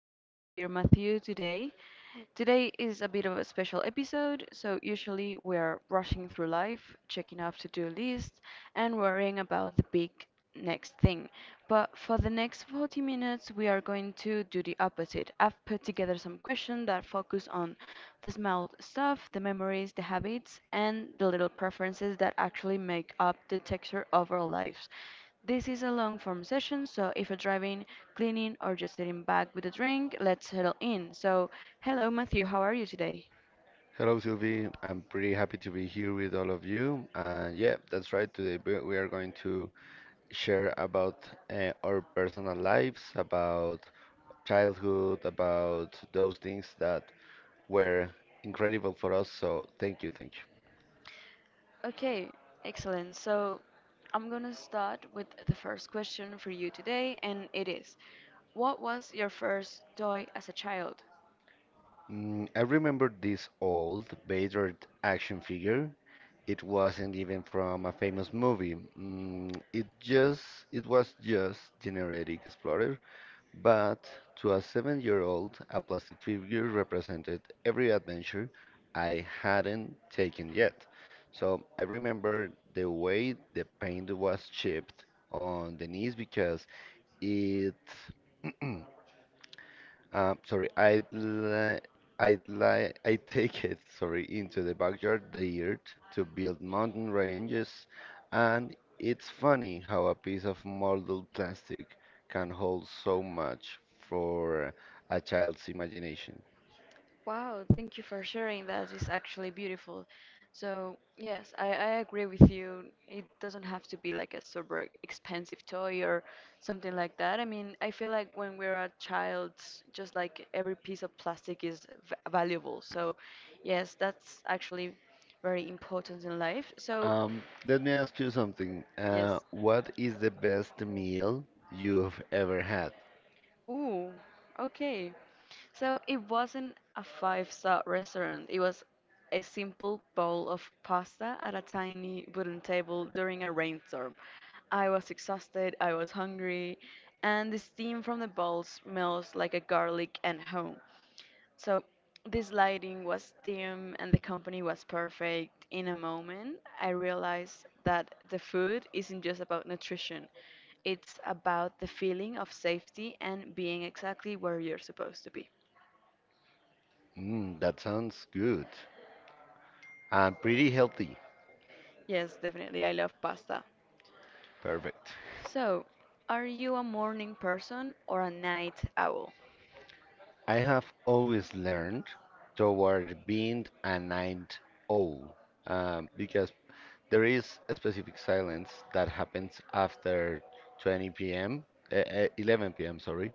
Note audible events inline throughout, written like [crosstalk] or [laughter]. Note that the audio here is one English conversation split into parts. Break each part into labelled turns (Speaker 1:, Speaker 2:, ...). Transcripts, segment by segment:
Speaker 1: glad you're here, Matthew, today. Today is a bit of a special episode, so usually we're rushing through life, checking off to-do lists, and worrying about the big next thing. But for the next 40 minutes, we are going to do the opposite. I've put together some questions that focus on the small stuff, the memories, the habits, and the little preferences that actually make up the texture of our lives. This is a long form session, so if you're driving, cleaning, or just sitting back with a drink, let's settle in. So, hello, Matthew, how are you today?
Speaker 2: Hello, Sylvie. I'm pretty happy to be here with all of you. And yeah, that's right. Today we are going to share about our personal lives, about childhood, about those things that were incredible for us. So thank you, thank you.
Speaker 1: Okay, excellent. So, I'm gonna start with the first question for you today, and it is, what was your first toy as a child?
Speaker 2: Mm, I remember this old battered action figure. It wasn't even from a famous movie. It just it was just generic Explorer. But to a 7 year old, a plastic figure represented every adventure I hadn't taken yet. So I remember the way the paint was chipped on the knees because it [clears throat] sorry, I'd li I take it, sorry, into the backyard, the earth, to build mountain ranges, and it's funny how a piece of molded plastic can hold so much for a child's imagination.
Speaker 1: Wow, thank you for sharing that. It's actually beautiful. So, yes, I agree with you. It doesn't have to be like a super expensive toy or something like that. I mean, I feel like when we're a child, just like every piece of plastic is v valuable. So, yes, that's actually very important in life. So,
Speaker 2: Um, Let me ask you something.
Speaker 1: yes.
Speaker 2: What is the best meal you've ever had?
Speaker 1: Ooh, okay. So it wasn't a five-star restaurant. It was a simple bowl of pasta at a tiny wooden table during a rainstorm. I was exhausted, I was hungry, and the steam from the bowl smells like a garlic and home. So this lighting was dim and the company was perfect. In a moment, I realized that the food isn't just about nutrition. It's about the feeling of safety and being exactly where you're supposed to be.
Speaker 2: Mm, that sounds good and pretty healthy.
Speaker 1: Yes, definitely. I love pasta.
Speaker 2: Perfect.
Speaker 1: So, are you a morning person or a night owl?
Speaker 2: I have always learned toward being a night owl because there is a specific silence that happens after 20 p.m. uh, uh, 11 p.m. Sorry,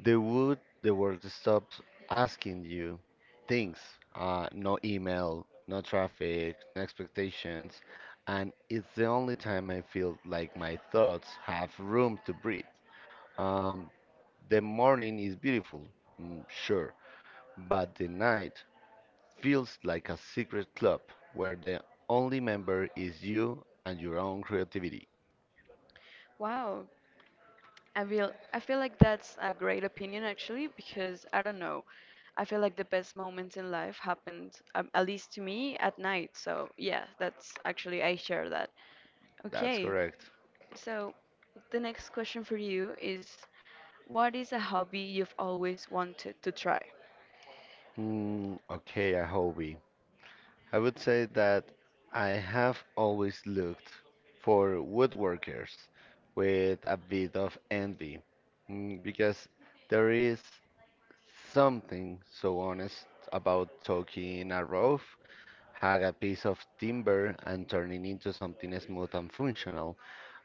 Speaker 2: the world stops asking you things. No email, no traffic, no expectations, and it's the only time I feel like my thoughts have room to breathe. Um, the morning is beautiful, mm, sure, but the night feels like a secret club where the only member is you and your own creativity.
Speaker 1: Wow, I feel like that's a great opinion actually because I don't know. I feel like the best moments in life happened, at least to me, at night. So yeah, that's actually I share that.
Speaker 2: That's
Speaker 1: Okay.
Speaker 2: correct.
Speaker 1: So the next question for you is, what is a hobby you've always wanted to try?
Speaker 2: Hmm, okay, a hobby. I would say that I have always looked for woodworkers with a bit of envy because there is something so honest about taking a rough, hug a piece of timber, and turning into something smooth and functional.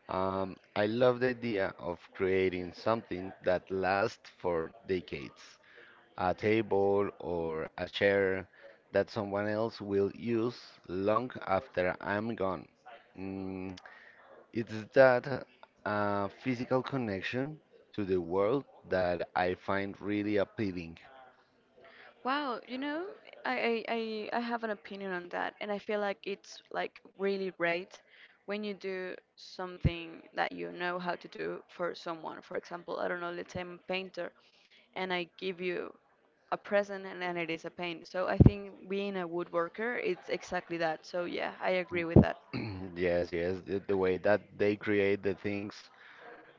Speaker 2: I love the idea of creating something that lasts for decades, a table or a chair that someone else will use long after I'm gone. Mm, it's that physical connection to the world that I find really appealing.
Speaker 1: Wow, you know, I have an opinion on that, and I feel like it's like really great when you do something that you know how to do for someone. For example, I don't know, let's say I'm a painter, and I give you a present and, it is a paint. So I think being a woodworker, it's exactly that. So yeah, I agree with that.
Speaker 2: [clears throat] Yes, yes, the way that they create the things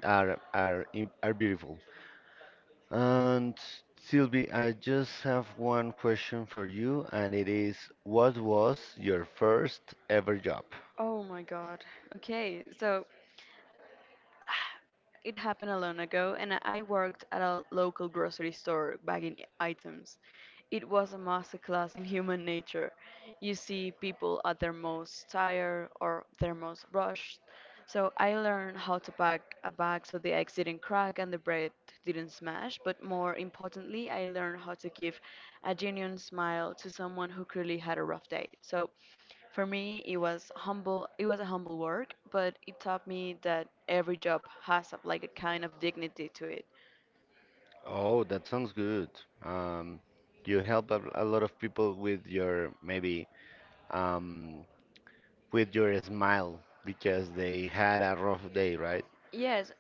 Speaker 2: are beautiful. And Sylvie, I just have one question for you, and it is, what was your first ever job?
Speaker 1: Oh my God. Okay, so it happened a long ago, and I worked at a local grocery store bagging items. It was a masterclass in human nature. You see people at their most tired or their most rushed. So I learned how to pack a bag so the eggs didn't crack and the bread didn't smash. But more importantly, I learned how to give a genuine smile to someone who clearly had a rough day. So for me, it was humble. It was a humble work, but it taught me that every job has a, like a kind of dignity to it.
Speaker 2: Oh, that sounds good. Um, you help a lot of people with your maybe um, with your smile because they had a rough day, right?
Speaker 1: Yes,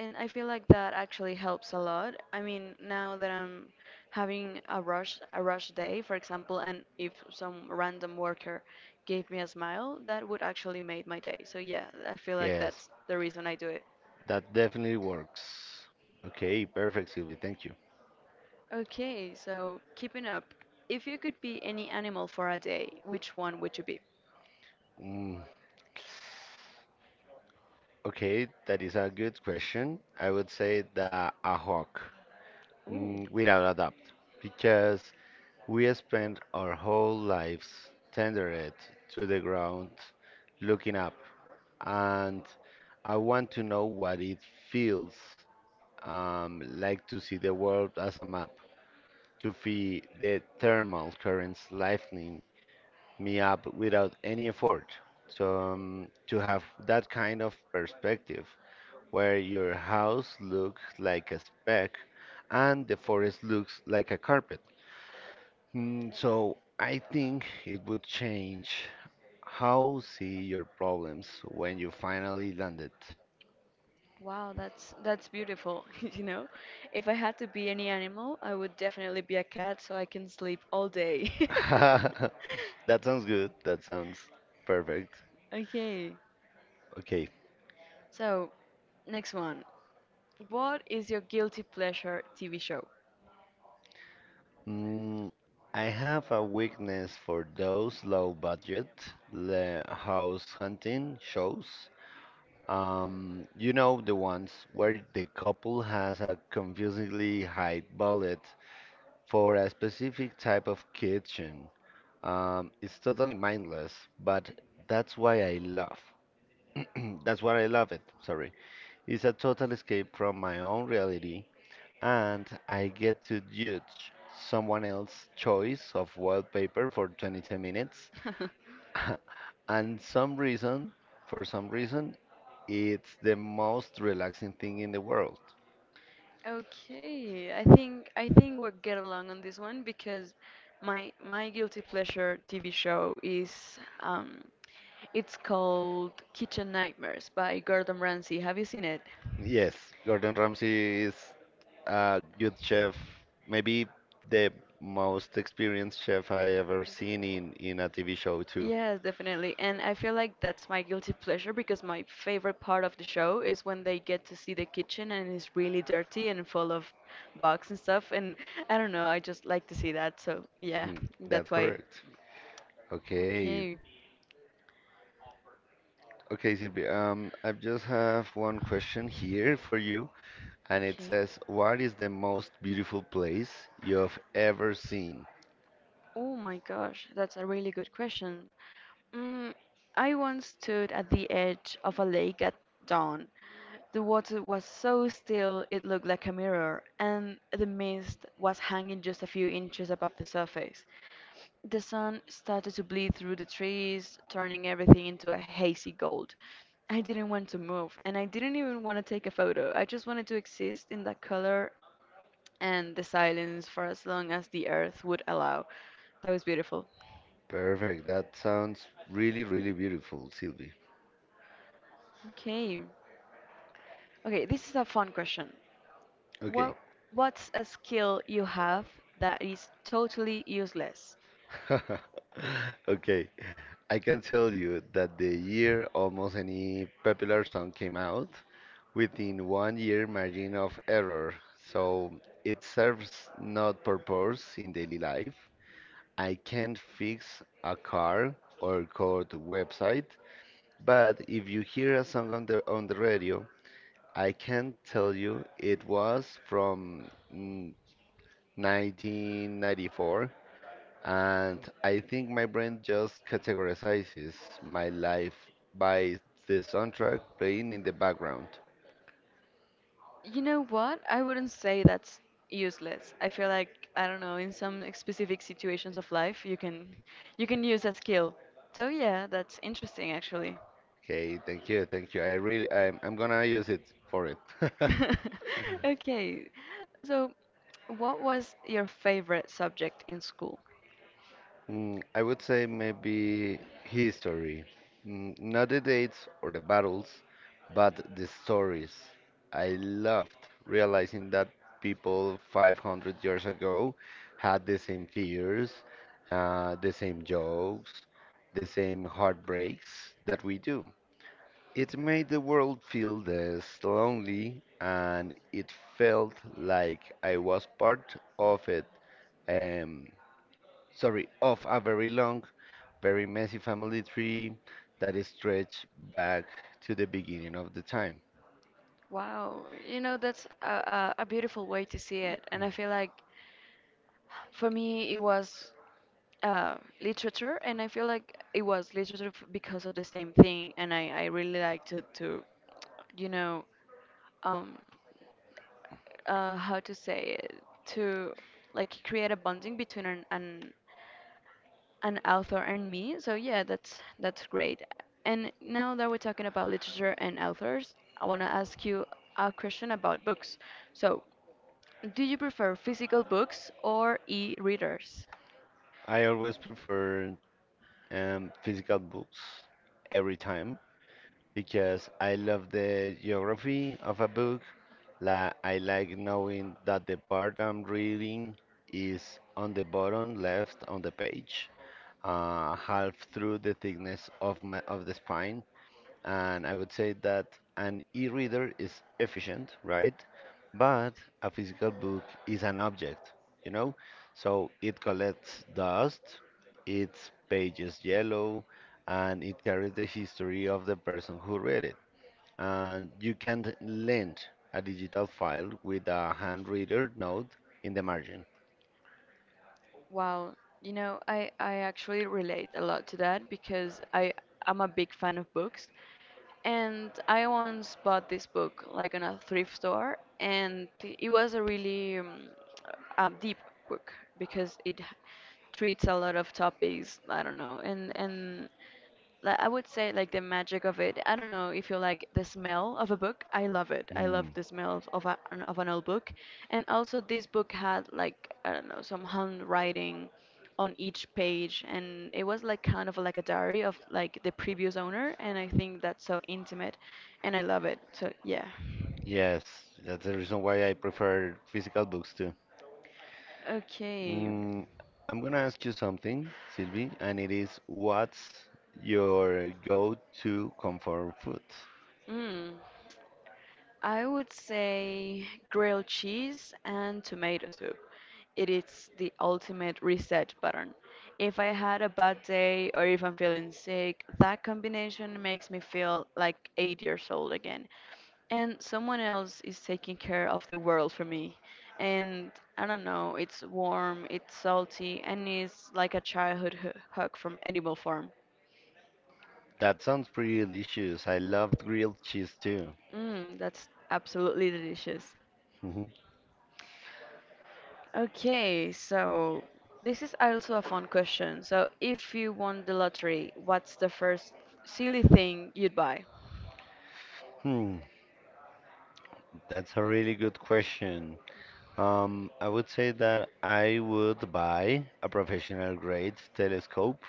Speaker 1: and I feel like that actually helps a lot. I mean, now that I'm having a rush day, for example, and if some random worker gave me a smile, that would actually make my day. So yeah, I feel like
Speaker 2: Yes,
Speaker 1: that's the reason I do it.
Speaker 2: that definitely works. Okay, perfect, Sylvie. Thank you.
Speaker 1: Okay, so keeping up. If you could be any animal for a day, which one would you be?
Speaker 2: Mm, okay, that is a good question. I would say the a hawk.
Speaker 1: Ooh.
Speaker 2: Mm, without a doubt, because we spend our whole lives tendered to the ground, looking up, and I want to know what it feels like to see the world as a map, to feel the thermal currents lifting me up without any effort. So to have that kind of perspective, where your house looks like a speck and the forest looks like a carpet. Mm, so I think it would change how see your problems when you finally landed.
Speaker 1: Wow, that's beautiful, [laughs] you know. If I had to be any animal, I would definitely be a cat so I can sleep all day. [laughs]
Speaker 2: [laughs] That sounds good. That sounds perfect.
Speaker 1: Okay.
Speaker 2: Okay.
Speaker 1: So, next one. What is your guilty pleasure TV show?
Speaker 2: Mm, I have a weakness for those house hunting shows. You know the ones where the couple has a confusingly high budget for a specific type of kitchen. It's totally mindless, but that's why I love. [clears throat] That's why I love it. Sorry. It's a total escape from my own reality, and I get to judge someone else's choice of wallpaper for 22 minutes.
Speaker 1: [laughs]
Speaker 2: And some reason, for some reason, it's the most relaxing thing in the world.
Speaker 1: Okay, I think we'll get along on this one because my guilty pleasure TV show is it's called Kitchen Nightmares by Gordon Ramsay. Have you seen it?
Speaker 2: Yes, Gordon Ramsay is a good chef, maybe the most experienced chef I ever seen in a TV show too.
Speaker 1: Yes, definitely. And I feel like that's my guilty pleasure because my favorite part of the show is when they get to see the kitchen and it's really dirty and full of bugs and stuff. And I don't know, I just like to see that. So yeah,
Speaker 2: Mhm,
Speaker 1: that's
Speaker 2: that's
Speaker 1: why.
Speaker 2: correct. Okay.
Speaker 1: Okay.
Speaker 2: Okay, Silvi, I just have one question here for you, and it
Speaker 1: Okay.
Speaker 2: says, "What is the most beautiful place you've ever seen?"
Speaker 1: Oh my gosh, that's a really good question. Mm, I once stood at the edge of a lake at dawn. The water was so still it looked like a mirror, and the mist was hanging just a few inches above the surface. The sun started to bleed through the trees, turning everything into a hazy gold. I didn't want to move, and I didn't even want to take a photo. I just wanted to exist in that color and the silence for as long as the earth would allow. That was beautiful.
Speaker 2: Perfect. That sounds really, really beautiful, Silvi.
Speaker 1: Okay. Okay, this is a fun question.
Speaker 2: Okay.
Speaker 1: What what's a skill you have that is totally useless?
Speaker 2: [laughs] Okay. I can tell you that the year almost any popular song came out within one year margin of error, so it serves not purpose in daily life. I can't fix a car or code website, but if you hear a song on the radio, I can tell you it was from 1994, and I think my brain just categorizes my life by the soundtrack playing in the background.
Speaker 1: You know what? I wouldn't say that's useless. I feel like I don't know, in some specific situations of life, you can use a skill. So yeah, that's interesting actually.
Speaker 2: Okay, thank you, thank you. I really, I'm gonna use it for it. [laughs]
Speaker 1: [laughs] Okay, so what was your favorite subject in school?
Speaker 2: Mm, I would say maybe history. Mm, not the dates or the battles, but the stories. I loved realizing that people 500 years ago had the same fears, the same jokes, the same heartbreaks that we do. It made the world feel less lonely, and it felt like I was part of it. Um, of a very long, very messy family tree that is stretched back to the beginning of the time.
Speaker 1: Wow, you know, that's a beautiful way to see it. And I feel like for me, it was uh, literature, and I feel like it was literature because of the same thing. And I really liked to, you know, um, how to say it, to like create a bonding between an author and me. So yeah, that's great. And now that we're talking about literature and authors, I want to ask you a question about books. So, do you prefer physical books or e-readers?
Speaker 2: I always prefer physical books every time because I love the geography of a book. La I like knowing that the part I'm reading is on the bottom left on the page, half through the thickness of my of the spine. And I would say that an e-reader is efficient, right? But a physical book is an object, you know? So it collects dust, its pages yellow, and it carries the history of the person who read it. And you can't lend a digital file with a hand reader note in the margin.
Speaker 1: Wow, you know, I actually relate a lot to that because I'm a big fan of books. And I once bought this book like on a thrift store, and it was a really deep book because it treats a lot of topics. I don't know, and like I would say like the magic of it. I don't know if you like the smell of a book. I love it. I love
Speaker 2: Mm.
Speaker 1: the smell of, a, of an old book. And also this book had like I don't know some handwriting on each page and it was like kind of like a diary of like the previous owner and I think that's so intimate and I love it. So yeah.
Speaker 2: Yes, that's the reason why I prefer physical books too.
Speaker 1: Okay.
Speaker 2: Mm, I'm gonna ask you something, Sylvie, and it is, what's your go-to comfort food?
Speaker 1: Mm. I would say grilled cheese and tomato soup. It is the ultimate reset button. If I had a bad day or if I'm feeling sick, that combination makes me feel like 8 years old again. And someone else is taking care of the world for me. And I don't know, it's warm, it's salty, and it's like a childhood hug from Animal Farm.
Speaker 2: That sounds pretty delicious. I love grilled cheese too.
Speaker 1: Mm, that's absolutely delicious.
Speaker 2: [laughs] Hmm.
Speaker 1: Okay, so this is also a fun question. So, if you won the lottery, what's the first silly thing you'd buy?
Speaker 2: Hmm, that's a really good question. I would say that I would buy a professional grade telescope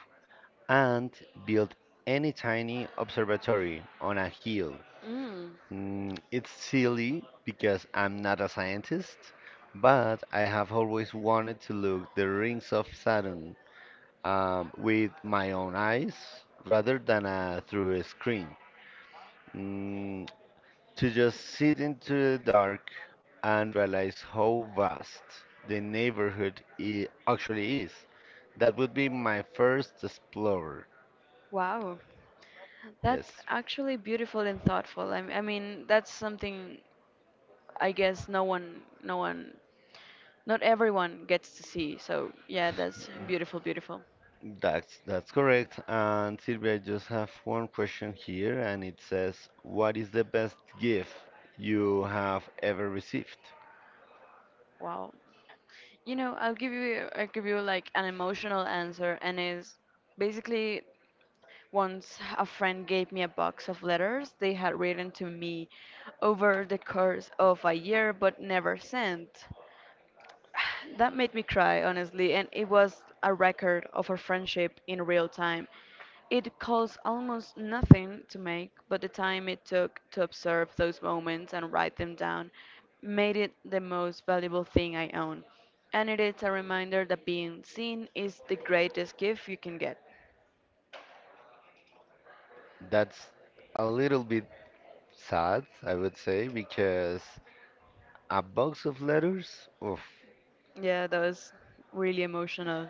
Speaker 2: and build any tiny observatory on a hill.
Speaker 1: Mm,
Speaker 2: Mm, it's silly because I'm not a scientist, but I have always wanted to look the rings of Saturn with my own eyes rather than through a screen. Mm, to just sit into the dark and realize how vast the neighborhood actually is. That would be my first explorer.
Speaker 1: wow.
Speaker 2: Yes,
Speaker 1: That's actually beautiful and thoughtful. I mean, that's something I guess no one, not everyone gets to see. So, yeah, that's beautiful, beautiful.
Speaker 2: that's correct. And Sylvia, I just have one question here, and it says, "What is the best gift you have ever received?"
Speaker 1: Wow. You know, I'll give you like an emotional answer and is basically once a friend gave me a box of letters they had written to me over the course of a year but never sent. That made me cry, honestly, and it was a record of our friendship in real time. It cost almost nothing to make, but the time it took to observe those moments and write them down made it the most valuable thing I own. And it is a reminder that being seen is the greatest gift you can get.
Speaker 2: That's a little bit sad, I would say, because a box of letters, oof,
Speaker 1: Yeah, that was really emotional.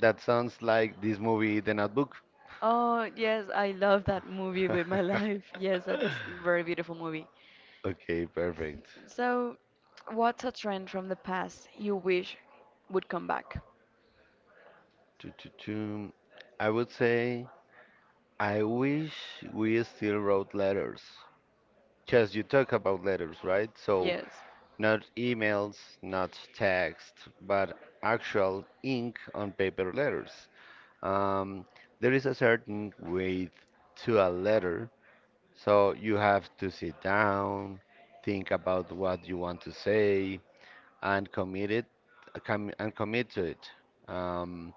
Speaker 2: that sounds like this movie, The Notebook.
Speaker 1: Oh, yes, I love that movie with my [laughs]
Speaker 2: [laughs]
Speaker 1: life. Yes, that's a very beautiful movie.
Speaker 2: Okay, perfect.
Speaker 1: So, what's a trend from the past you wish would come back?
Speaker 2: Choo, choo, choo. I would say I wish we still wrote letters. Just you talk about letters, right? So
Speaker 1: Yes.
Speaker 2: not emails, not text, but actual ink on paper letters. Um, there is a certain weight to a letter, so you have to sit down, think about what you want to say, and commit it, commit to it. Um,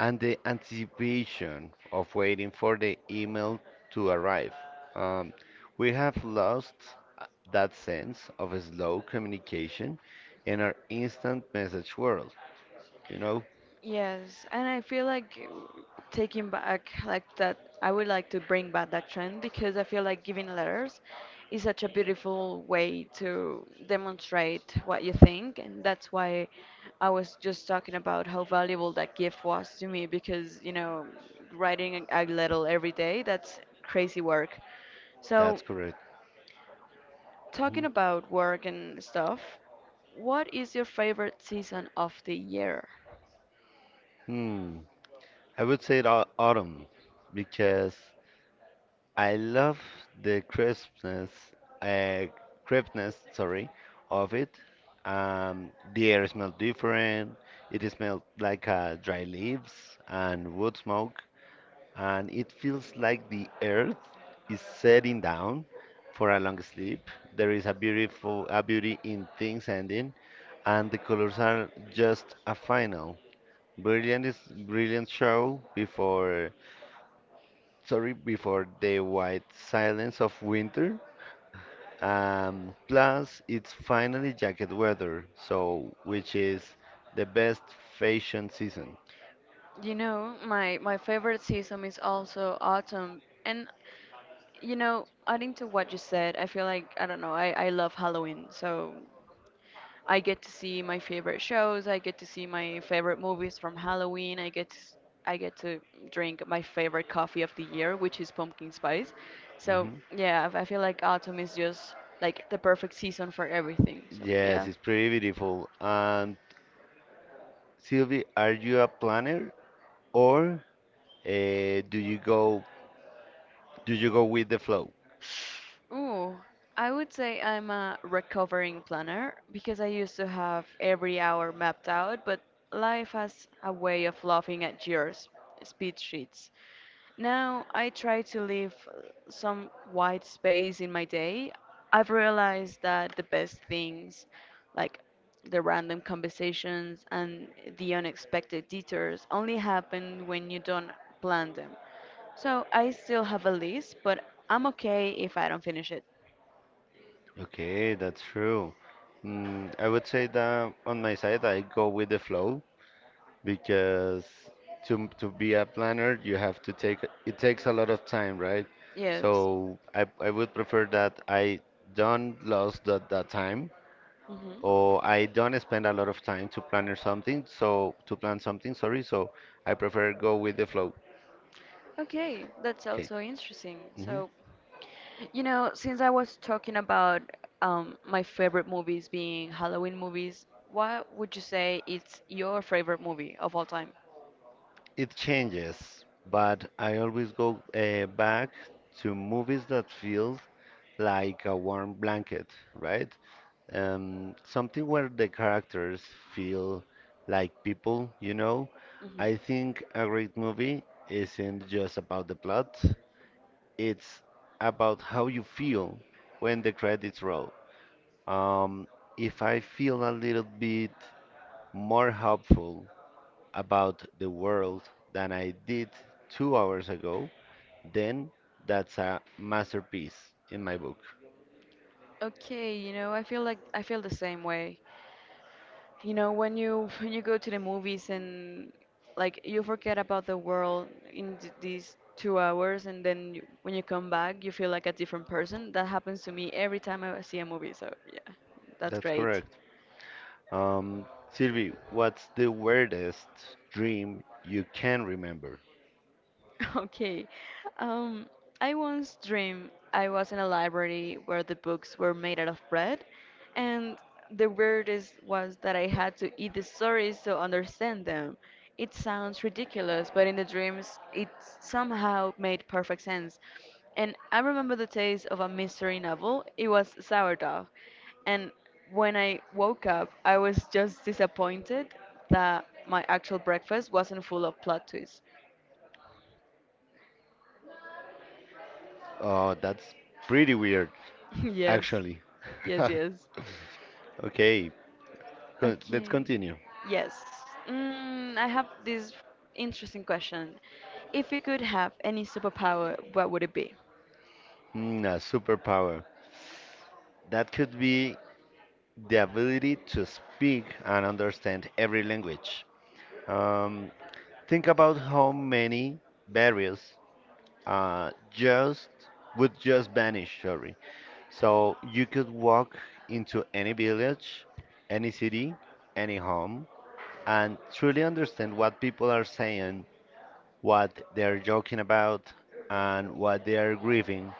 Speaker 2: and the anticipation of waiting for the email to arrive. Um, we have lost uh, that sense of a slow communication in our instant message world. You know,
Speaker 1: Yes, and I feel like taking back like that, I would like to bring back that trend because I feel like giving letters is such a beautiful way to demonstrate what you think, and that's why I was just talking about how valuable that gift was to me because, you know, writing a letter every day, that's crazy work. So,
Speaker 2: that's correct.
Speaker 1: talking about work and stuff, what is your favorite season of the year?
Speaker 2: Hmm. I would say autumn because I love the crispness, uh, crispness, sorry, of it. The air smells different. It smells like dry leaves and wood smoke, and it feels like the earth is setting down for a long sleep. There is a beauty in things ending, and the colors are just a final, brilliant, is brilliant show before the white silence of winter. Plus, it's finally jacket weather, so which is the best fashion season.
Speaker 1: You know, my favorite season is also autumn. And you know, adding to what you said, I feel like I don't know, I love Halloween. So I get to see my favorite shows. I get to see my favorite movies from Halloween. I get to, I get to drink my favorite coffee of the year, which is pumpkin spice. So
Speaker 2: Hmm.
Speaker 1: yeah, I feel like autumn is just like the perfect season for everything. So
Speaker 2: Yes,
Speaker 1: yeah.
Speaker 2: it's pretty beautiful. And Sylvie, are you a planner or uh, do you go do you go with the flow?
Speaker 1: Ooh, I would say I'm a recovering planner because I used to have every hour mapped out, but life has a way of laughing at yours, speed sheets. Now I try to leave some white space in my day. I've realized that the best things, like the random conversations and the unexpected detours, only happen when you don't plan them. So I still have a list, but I'm okay if I don't finish it.
Speaker 2: Okay, that's true. Mm, I would say that on my side, I go with the flow. Because to be a planner you have to take it takes a lot of time, right? So
Speaker 1: Yes.
Speaker 2: I would prefer that I don't lose that time,
Speaker 1: Hmm.
Speaker 2: or I don't spend a lot of time to plan or something, so to plan something, sorry. So I prefer go with the flow.
Speaker 1: Okay, that's
Speaker 2: Okay.
Speaker 1: also interesting.
Speaker 2: Hmm.
Speaker 1: So, since I was talking about my favorite movies being Halloween movies, what would you say it's your favorite movie of all time?
Speaker 2: It changes, but I always go back to movies that feels like a warm blanket, right? Something where the characters feel like people, you know.
Speaker 1: Mhm.
Speaker 2: I think a great movie isn't just about the plot, it's about how you feel when the credits roll. Um, if I feel a little bit more hopeful about the world than I did 2 hours ago, then that's a masterpiece in my book.
Speaker 1: Okay, I feel like I feel the same way. You know, when you [laughs] when you go to the movies and you forget about the world in these 2 hours, and then when you come back, you feel like a different person. That happens to me every time I see a movie. So yeah, that's
Speaker 2: That's
Speaker 1: great.
Speaker 2: correct. Um, Sylvie, what's the weirdest dream you can remember?
Speaker 1: [laughs] Okay. Um, I once dreamed I was in a library where the books were made out of bread, and the weirdest was that I had to eat the stories to understand them. It sounds ridiculous, but in the dreams, it somehow made perfect sense. And I remember the taste of a mystery novel. It was sourdough. And when I woke up, I was just disappointed that my actual breakfast wasn't full of plot twists.
Speaker 2: Oh, that's pretty weird,
Speaker 1: [laughs] Yes,
Speaker 2: actually.
Speaker 1: yes,
Speaker 2: [laughs]
Speaker 1: yes.
Speaker 2: Okay, con let's
Speaker 1: Okay.
Speaker 2: continue.
Speaker 1: Yes. Mm, I have this interesting question. If you could have any superpower, what would it be?
Speaker 2: Mm, a superpower. That could be the ability to speak and understand every language. Um, think about how many barriers just would just vanish. Sorry, so you could walk into any village, any city, any home, and truly understand what people are saying, what they're joking about, and what they are grieving.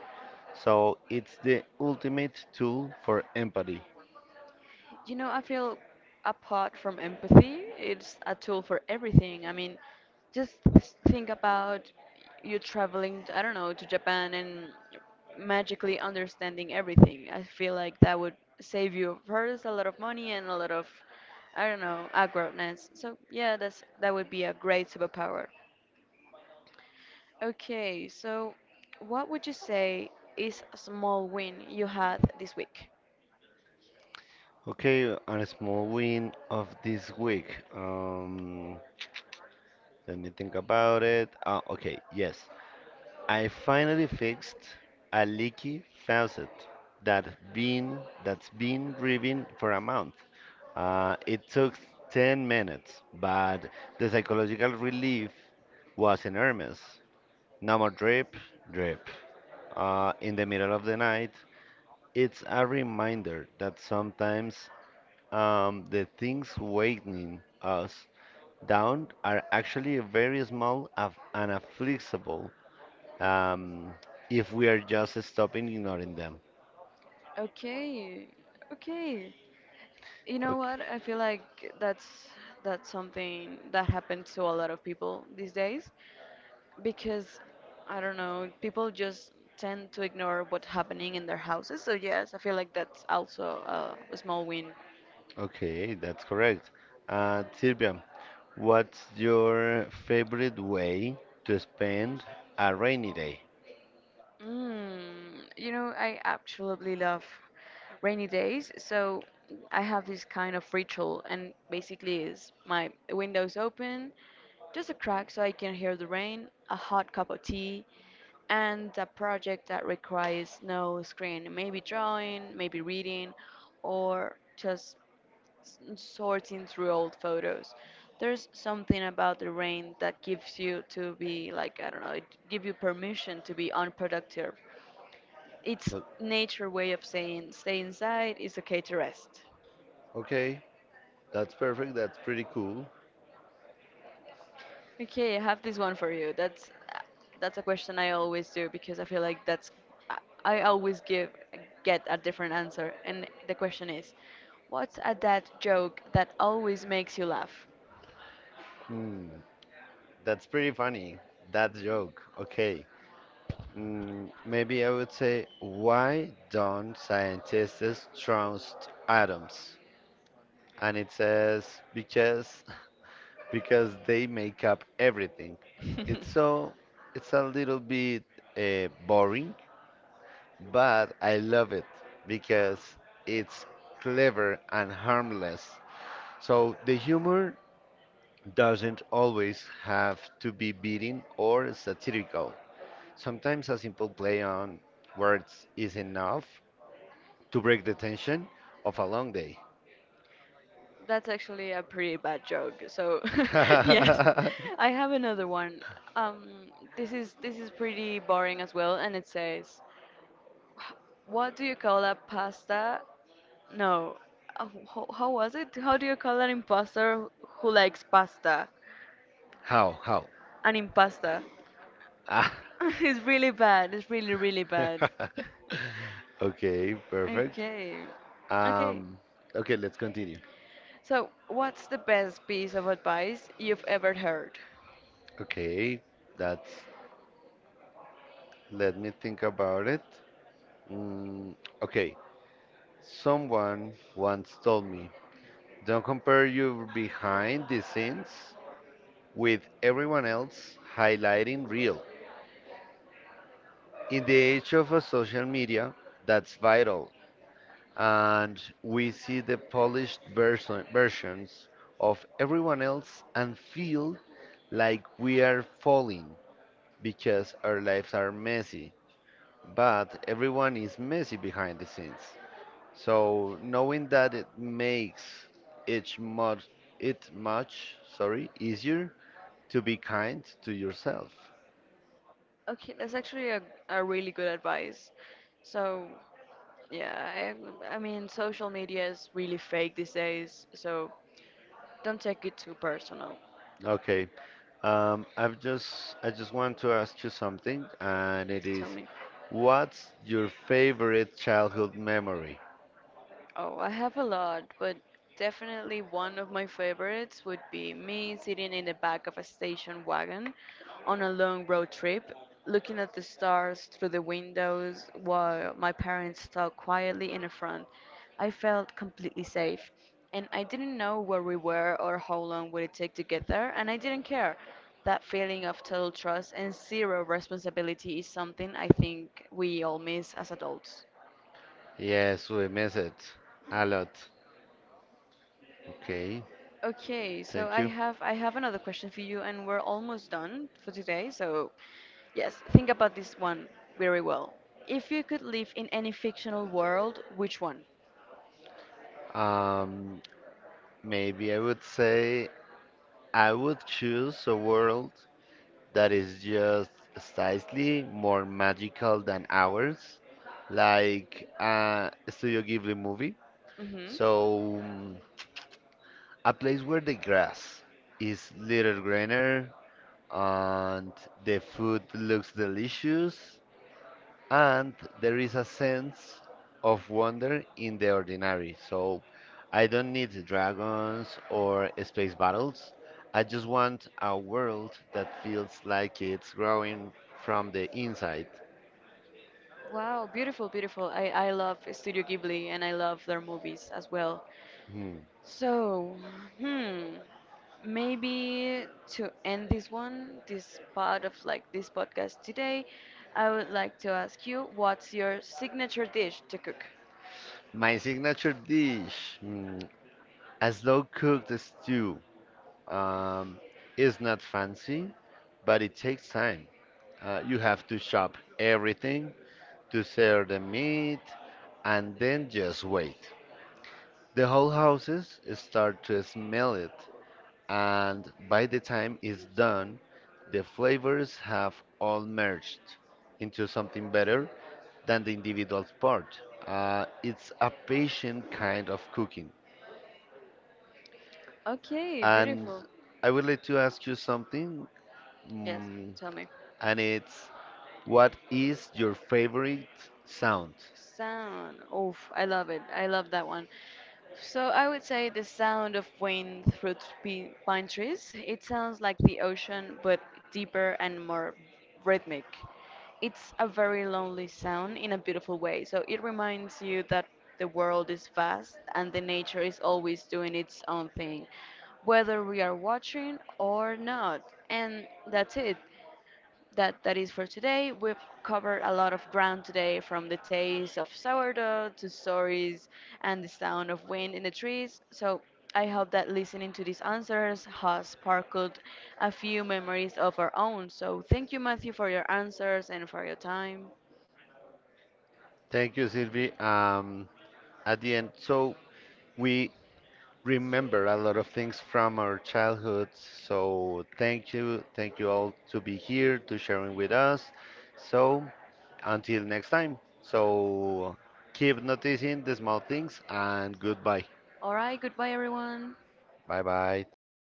Speaker 2: So it's the ultimate tool for empathy.
Speaker 1: I feel apart from empathy, it's a tool for everything. I mean, just think about you traveling, to, I don't know, to Japan and magically understanding everything. I feel like that would save you first a lot of money and a lot of, I don't know, awkwardness. So yeah, that would be a great superpower. Okay, so what would you say is a small win you had this week?
Speaker 2: Okay, on a small win of this week. Um, Let me think about it. Okay, yes. I finally fixed a leaky faucet that been that's been driven for a month. It took 10 minutes, but the psychological relief was enormous. No more drip, drip. In the middle of the night, it's a reminder that sometimes the things weighing us down are actually very small and afflixible, um, if we are just stopping ignoring them.
Speaker 1: Okay, okay. You know
Speaker 2: Okay,
Speaker 1: what? I feel like that's something that happens to a lot of people these days because I don't know, people just tend to ignore what's happening in their houses. So yes, I feel like that's also a small win.
Speaker 2: okay, that's correct. Silvia, what's your favorite way to spend a rainy day?
Speaker 1: Mm, you know, I absolutely love rainy days. So I have this kind of ritual, and basically is my windows open, just a crack so I can hear the rain, a hot cup of tea, and a project that requires no screen. Maybe drawing, maybe reading, or just sorting through old photos. There's something about the rain that gives you to be like I don't know, it give you permission to be unproductive. It's
Speaker 2: O-
Speaker 1: nature way of saying stay inside, it's okay to rest.
Speaker 2: Okay, that's perfect. That's pretty cool.
Speaker 1: Okay, I have this one for you. That's a question I always do because I feel like that's I I always give get a different answer. And the question is, what's a dad joke that always makes you laugh?
Speaker 2: Hmm, that's pretty funny. That joke. Okay. Mm, maybe I would say, why don't scientists trust atoms? And it says, because [laughs] because they make up everything. It's so it's a
Speaker 1: [laughs]
Speaker 2: little bit boring, but I love it because it's clever and harmless. So the humor doesn't always have to be beating or satirical. Sometimes a simple play on words is enough to break the tension of a long day.
Speaker 1: That's actually a pretty bad joke. So,
Speaker 2: [laughs]
Speaker 1: [laughs] yes,
Speaker 2: How?
Speaker 1: I have another one. Um, this is pretty boring as well, and it says, "What do you call a pasta? No, uh, how was it? How do you call an imposter who likes pasta?"
Speaker 2: How?
Speaker 1: An impasta.
Speaker 2: Ah.
Speaker 1: [laughs] It's really bad. It's really bad.
Speaker 2: [laughs] Okay,
Speaker 1: [laughs]
Speaker 2: perfect.
Speaker 1: Okay, okay.
Speaker 2: Um, okay, let's continue.
Speaker 1: So, what's the best piece of advice you've ever heard?
Speaker 2: Okay, that's. Let me think about it. Mm, okay, someone once told me, don't compare your behind the scenes with everyone else highlighting real. In the age of a social media, that's vital, and we see the polished versions of everyone else and feel like we are falling because our lives are messy but everyone is messy behind the scenes. So knowing that it makes each much it much, sorry, easier to be kind to yourself.
Speaker 1: Okay, that's actually a really good advice. So, yeah, I mean, social media is really fake these days, so don't take it too personal.
Speaker 2: Okay, I just want to ask you something, and
Speaker 1: Yes,
Speaker 2: it is,
Speaker 1: tell me.
Speaker 2: what's your favorite childhood memory?
Speaker 1: Oh, I have a lot, but definitely one of my favorites would be me sitting in the back of a station wagon on a long road trip, looking at the stars through the windows while my parents talked quietly in the front. I felt completely safe, and I didn't know where we were or how long would it take to get there, and I didn't care. That feeling of total trust and zero responsibility is something I think we all miss as adults.
Speaker 2: Yes, we miss it a lot. Okay,
Speaker 1: Okay, so
Speaker 2: thank you.
Speaker 1: I have another question for you, and we're almost done for today. So yes, think about this one very well. If you could live in any fictional world, which one?
Speaker 2: Um, Maybe I would say I would choose a world that is just slightly more magical than ours, like a Studio Ghibli movie.
Speaker 1: Hmm.
Speaker 2: So, mm, a place where the grass is little greener and the food looks delicious and there is a sense of wonder in the ordinary. So I don't need dragons or space battles. I just want a world that feels like it's growing from the inside.
Speaker 1: Wow, beautiful, beautiful. I love Studio Ghibli and I love their movies as well.
Speaker 2: Hmm.
Speaker 1: So, hmm, maybe to end this one, this part of this podcast today, I would like to ask you what's your signature dish to cook?
Speaker 2: My signature dish, hmm, a slow cooked stew, um, is not fancy, but it takes time. You have to chop everything, to sear the meat, and then just wait. The whole houses start to smell it, and by the time it's done, the flavors have all merged into something better than the individual part. It's a patient kind of cooking.
Speaker 1: Okay,
Speaker 2: And
Speaker 1: beautiful.
Speaker 2: I would like to ask you something,
Speaker 1: Yes,
Speaker 2: mm,
Speaker 1: tell me.
Speaker 2: and it's, what is your favorite sound?
Speaker 1: Sound. Oof, I love it. I love that one. So I would say the sound of wind through pine trees. It sounds like the ocean, but deeper and more rhythmic. It's a very lonely sound in a beautiful way. So it reminds you that the world is vast and the nature is always doing its own thing, whether we are watching or not. And that's it. That is for today. We've covered a lot of ground today, from the taste of sourdough to stories and the sound of wind in the trees. So I hope that listening to these answers has sparkled a few memories of our own. So thank you, Matthew, for your answers and for your time.
Speaker 2: Thank you, Sylvie. At the end, so we remember a lot of things from our childhood. So thank you all to be here to sharing with us. So until next time. So keep noticing the small things and goodbye.
Speaker 1: All right, goodbye, everyone.
Speaker 2: Bye bye. Thank you.